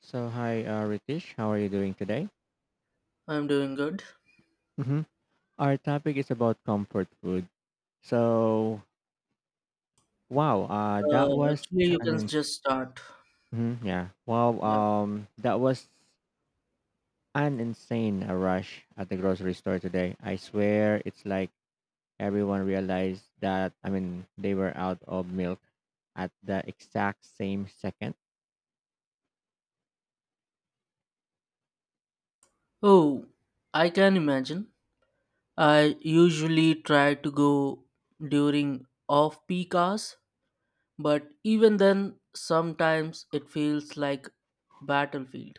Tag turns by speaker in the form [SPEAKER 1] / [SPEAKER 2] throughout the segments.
[SPEAKER 1] So, hi, Ritish. How are you doing today?
[SPEAKER 2] I'm doing good.
[SPEAKER 1] hmm Our topic is about comfort food. So, wow,
[SPEAKER 2] Uh,
[SPEAKER 1] that was
[SPEAKER 2] actually, you
[SPEAKER 1] an
[SPEAKER 2] can
[SPEAKER 1] ins-
[SPEAKER 2] just start.
[SPEAKER 1] mhm, yeah. Wow,
[SPEAKER 2] Yeah.
[SPEAKER 1] that was an insane rush at the grocery store today. I swear, it's like everyone realized that. They were out of milk at the exact same second.
[SPEAKER 2] Oh, I can imagine. I usually try to go during off peak hours, but even then, sometimes it feels like battlefield.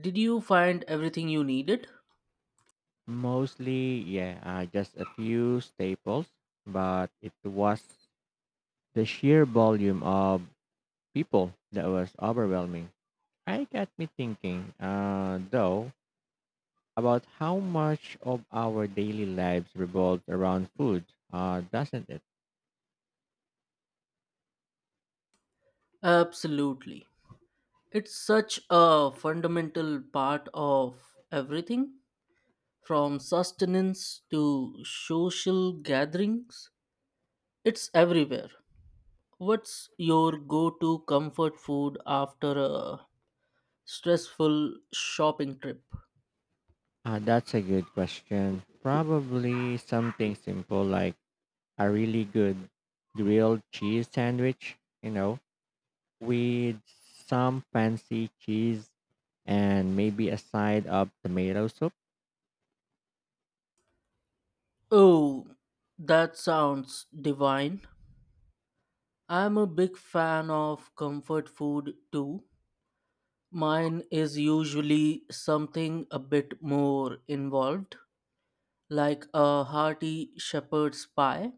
[SPEAKER 2] Did you find everything you needed?
[SPEAKER 1] Mostly, yeah, just a few staples, but it was the sheer volume of people that was overwhelming. I got me thinking, though, about how much of our daily lives revolves around food, doesn't it?
[SPEAKER 2] Absolutely. It's such a fundamental part of everything from sustenance to social gatherings. It's everywhere. What's your go to comfort food after a stressful shopping trip?
[SPEAKER 1] That's a good question. Probably something simple like a really good grilled cheese sandwich, you know, with some fancy cheese and maybe a side of tomato soup.
[SPEAKER 2] Oh, that sounds divine. I'm a big fan of comfort food too. Mine is usually something a bit more involved, like a hearty shepherd's pie.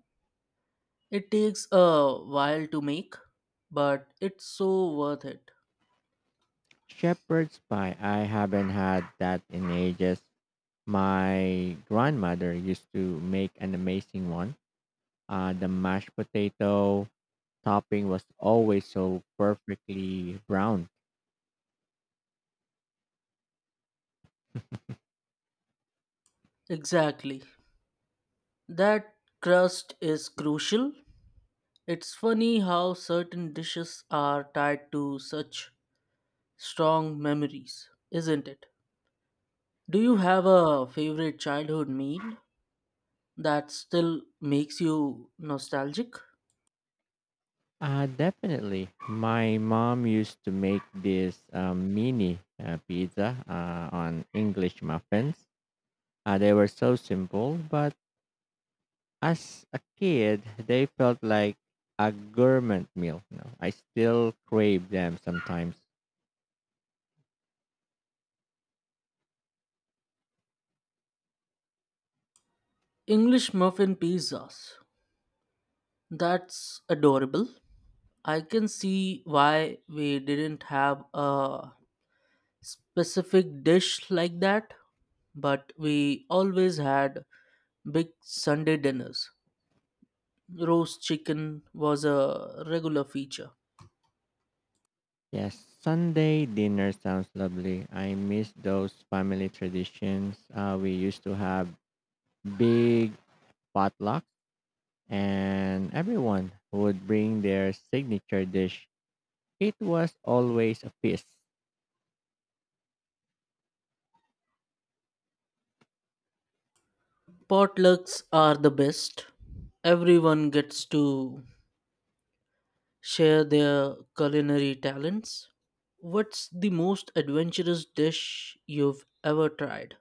[SPEAKER 2] It takes a while to make, but it's so worth it.
[SPEAKER 1] Shepherd's pie, I haven't had that in ages. My grandmother used to make an amazing one. The mashed potato topping was always so perfectly brown.
[SPEAKER 2] Exactly. That crust is crucial. It's funny how certain dishes are tied to such strong memories, isn't it? Do you have a favorite childhood meal that still makes you nostalgic?
[SPEAKER 1] Definitely. My mom used to make this mini pizza on English muffins. They were so simple, but as a kid, they felt like a gourmet meal. You know? I still crave them sometimes.
[SPEAKER 2] English muffin pizzas. That's adorable. I can see why we didn't have a specific dish like that, but we always had big Sunday dinners. Roast chicken was a regular feature.
[SPEAKER 1] Yes, Sunday dinner sounds lovely. I miss those family traditions. We used to have big potlucks, and everyone would bring their signature dish. It was always a feast.
[SPEAKER 2] Potlucks are the best. Everyone gets to share their culinary talents. What's the most adventurous dish you've ever tried?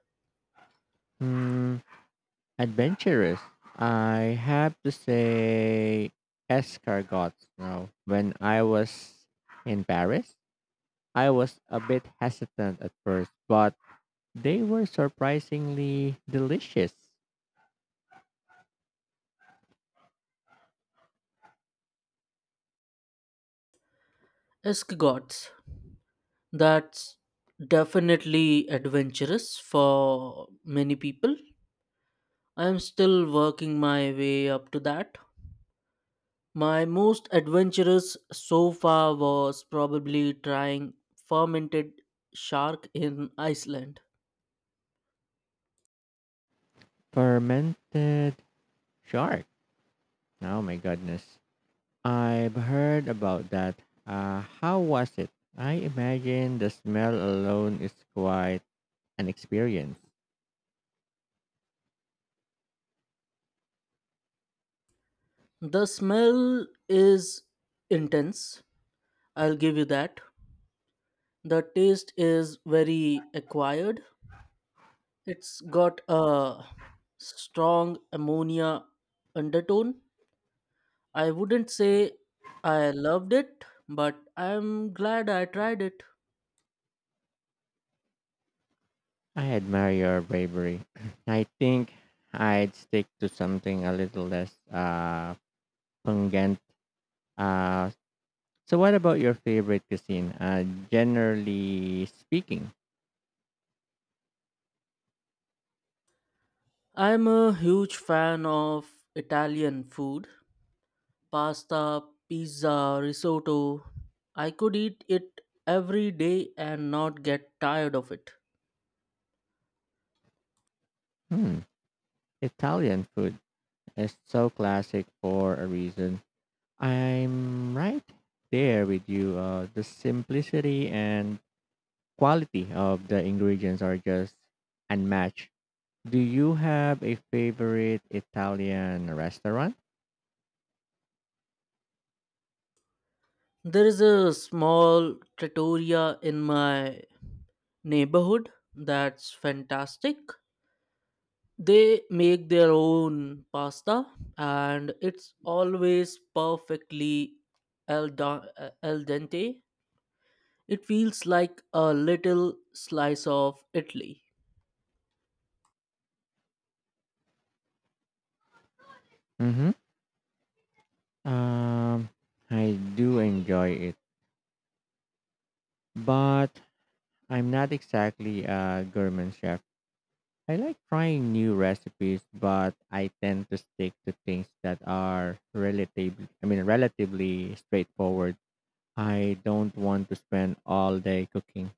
[SPEAKER 1] Hmm, adventurous. I have to say, escargots. Now, when I was in Paris, I was a bit hesitant at first, but they were surprisingly delicious.
[SPEAKER 2] Escargots. That's definitely adventurous for many people. I'm still working my way up to that. My most adventurous so far was probably trying fermented shark in Iceland.
[SPEAKER 1] Fermented shark. Oh my goodness. I've heard about that. How was it? I imagine the smell alone is quite an experience.
[SPEAKER 2] The smell is intense, I'll give you that. The taste is very acquired. It's got a strong ammonia undertone. I wouldn't say I loved it, but I'm glad I tried it.
[SPEAKER 1] I admire your bravery. I think I'd stick to something a little less pungent. Uh, so, what about your favorite cuisine? Generally speaking,
[SPEAKER 2] I'm a huge fan of Italian food pasta, pizza, risotto. I could eat it every day and not get tired of it.
[SPEAKER 1] hmm, Italian food is so classic for a reason. I'm right there with you. The simplicity and quality of the ingredients are just unmatched. Do you have a favorite Italian restaurant?
[SPEAKER 2] There is a small trattoria in my neighborhood that's fantastic. They make their own pasta and it's always perfectly al dente. It feels like a little slice of Italy.
[SPEAKER 1] Mm-hmm. Um, I do enjoy it, but I'm not exactly a gourmet chef. I like trying new recipes, but I tend to stick to things that are relatively straightforward. I don't want to spend all day cooking.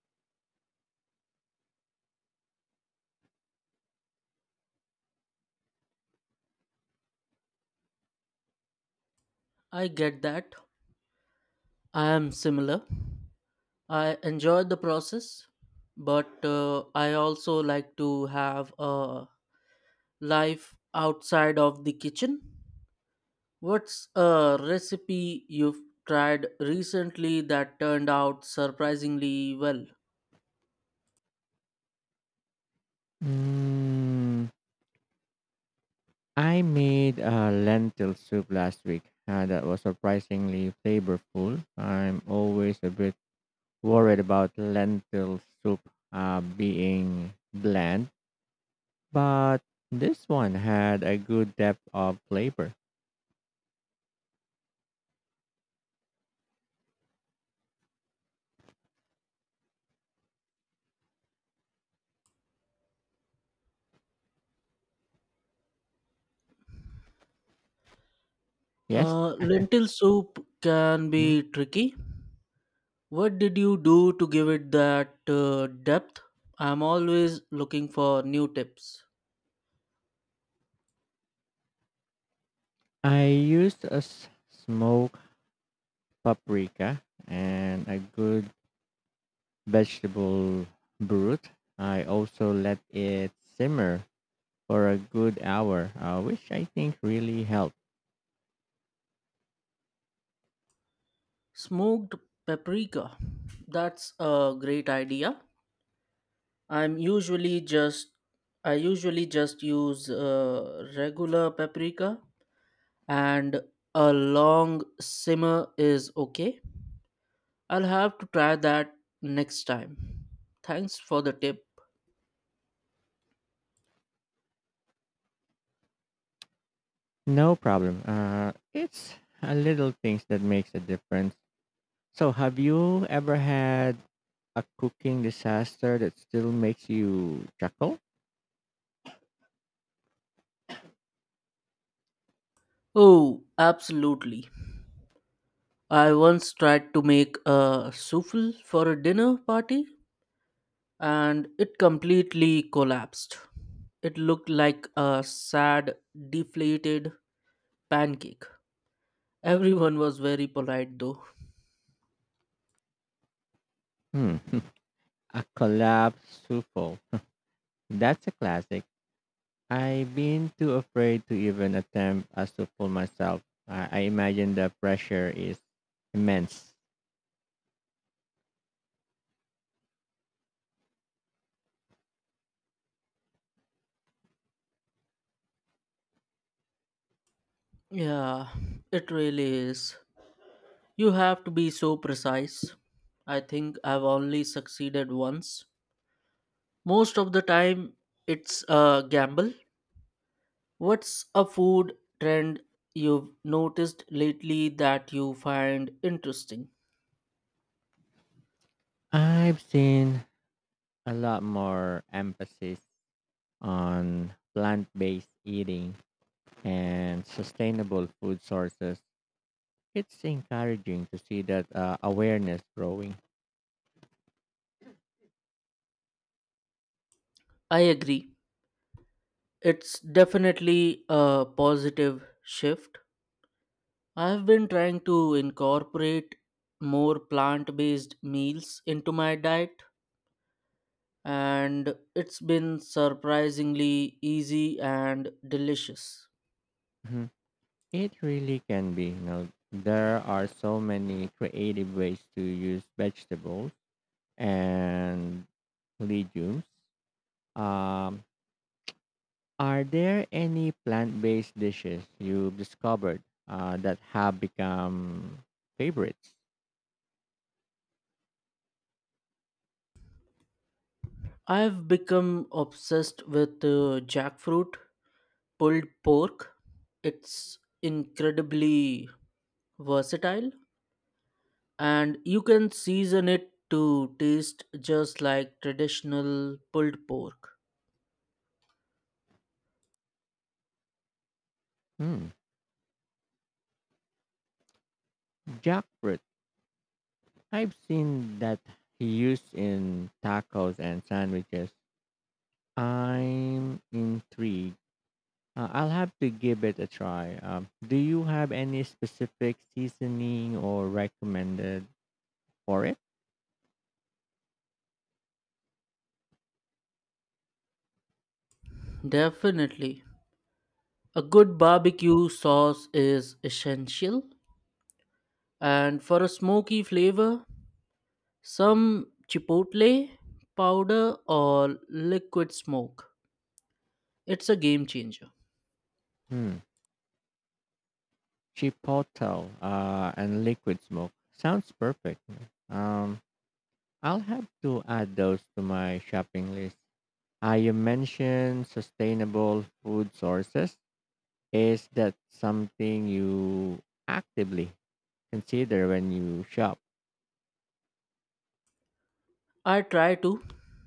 [SPEAKER 2] I get that. I am similar. I enjoy the process, but I also like to have a life outside of the kitchen. What's a recipe you've tried recently that turned out surprisingly well?
[SPEAKER 1] Mm, I made a lentil soup last week that was surprisingly flavorful. I'm always a bit worried about lentil soup being bland, but this one had a good depth of flavor. Yes,
[SPEAKER 2] Lentil soup can
[SPEAKER 1] Mm.
[SPEAKER 2] be tricky. What did you do to give it that depth? I'm always looking for new tips.
[SPEAKER 1] I used a smoked paprika and a good vegetable broth. I also let it simmer for a good hour, which I think really helped.
[SPEAKER 2] Smoked paprika. That's a great idea. I'm usually just I usually just use regular paprika and a long simmer is okay. I'll have to try that next time. Thanks for the tip.
[SPEAKER 1] No problem. It's a little things that makes a difference. So, have you ever had a cooking disaster that still makes you chuckle?
[SPEAKER 2] Oh, absolutely. I once tried to make a souffle for a dinner party and it completely collapsed. It looked like a sad, deflated pancake. Everyone was very polite though.
[SPEAKER 1] Hmm. A collapsed souffle. That's a classic. I've been too afraid to even attempt a souffle myself. I imagine the pressure is immense.
[SPEAKER 2] Yeah, it really is. You have to be so precise. I think I've only succeeded once. Most of the time, it's a gamble. What's a food trend you've noticed lately that you find interesting?
[SPEAKER 1] I've seen a lot more emphasis on plant based eating and sustainable food sources. It's encouraging to see that awareness growing.
[SPEAKER 2] I agree. It's definitely a positive shift. I've been trying to incorporate more plant based meals into my diet, and it's been surprisingly easy and delicious.
[SPEAKER 1] Mhm. It really can be. You know, there are so many creative ways to use vegetables and legumes. Um, are there any plant based dishes you've discovered that have become favorites?
[SPEAKER 2] I've become obsessed with jackfruit, pulled pork. It's incredibly versatile and you can season it to taste just like traditional pulled pork.
[SPEAKER 1] Hmm. Jackfruit. I've seen that he used in tacos and sandwiches. I'm intrigued. I'll have to give it a try. Do you have any specific seasoning or recommended for it?
[SPEAKER 2] Definitely. A good barbecue sauce is essential. And for a smoky flavor, some chipotle powder or liquid smoke. It's a game changer.
[SPEAKER 1] Hmm. Chipotle and liquid smoke. Sounds perfect. Um, I'll have to add those to my shopping list. You mentioned sustainable food sources. Is that something you actively consider when you shop?
[SPEAKER 2] I try to,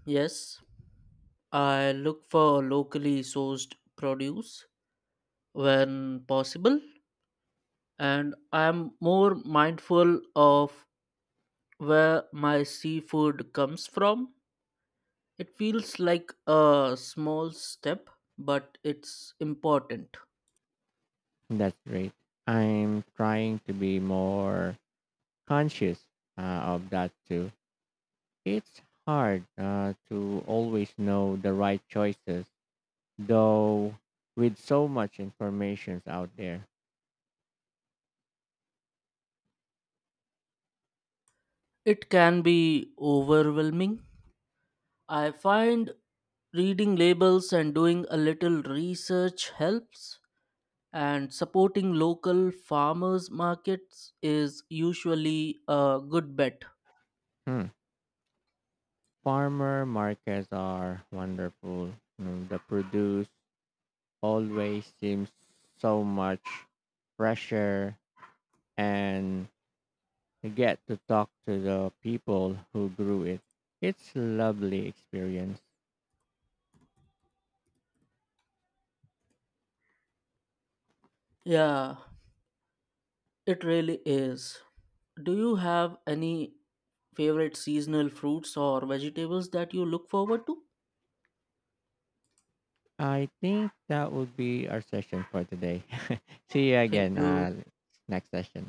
[SPEAKER 2] yes. I look for locally sourced produce when possible and I'm more mindful of where my seafood comes from. It feels like a small step, but it's important.
[SPEAKER 1] That's great. I'm trying to be more conscious of that too. It's hard to always know the right choices, though, with so much information out there.
[SPEAKER 2] It can be overwhelming. I find reading labels and doing a little research helps, and supporting local farmers' markets is usually a good bet.
[SPEAKER 1] Hmm. Farmer markets are wonderful. Mm, the produce always seems so much fresher and I get to talk to the people who grew it. It's a lovely experience.
[SPEAKER 2] Yeah, it really is. Do you have any favorite seasonal fruits or vegetables that you look forward to?
[SPEAKER 1] I think that would be our session for today. See you
[SPEAKER 2] Thank
[SPEAKER 1] again
[SPEAKER 2] you.
[SPEAKER 1] next session.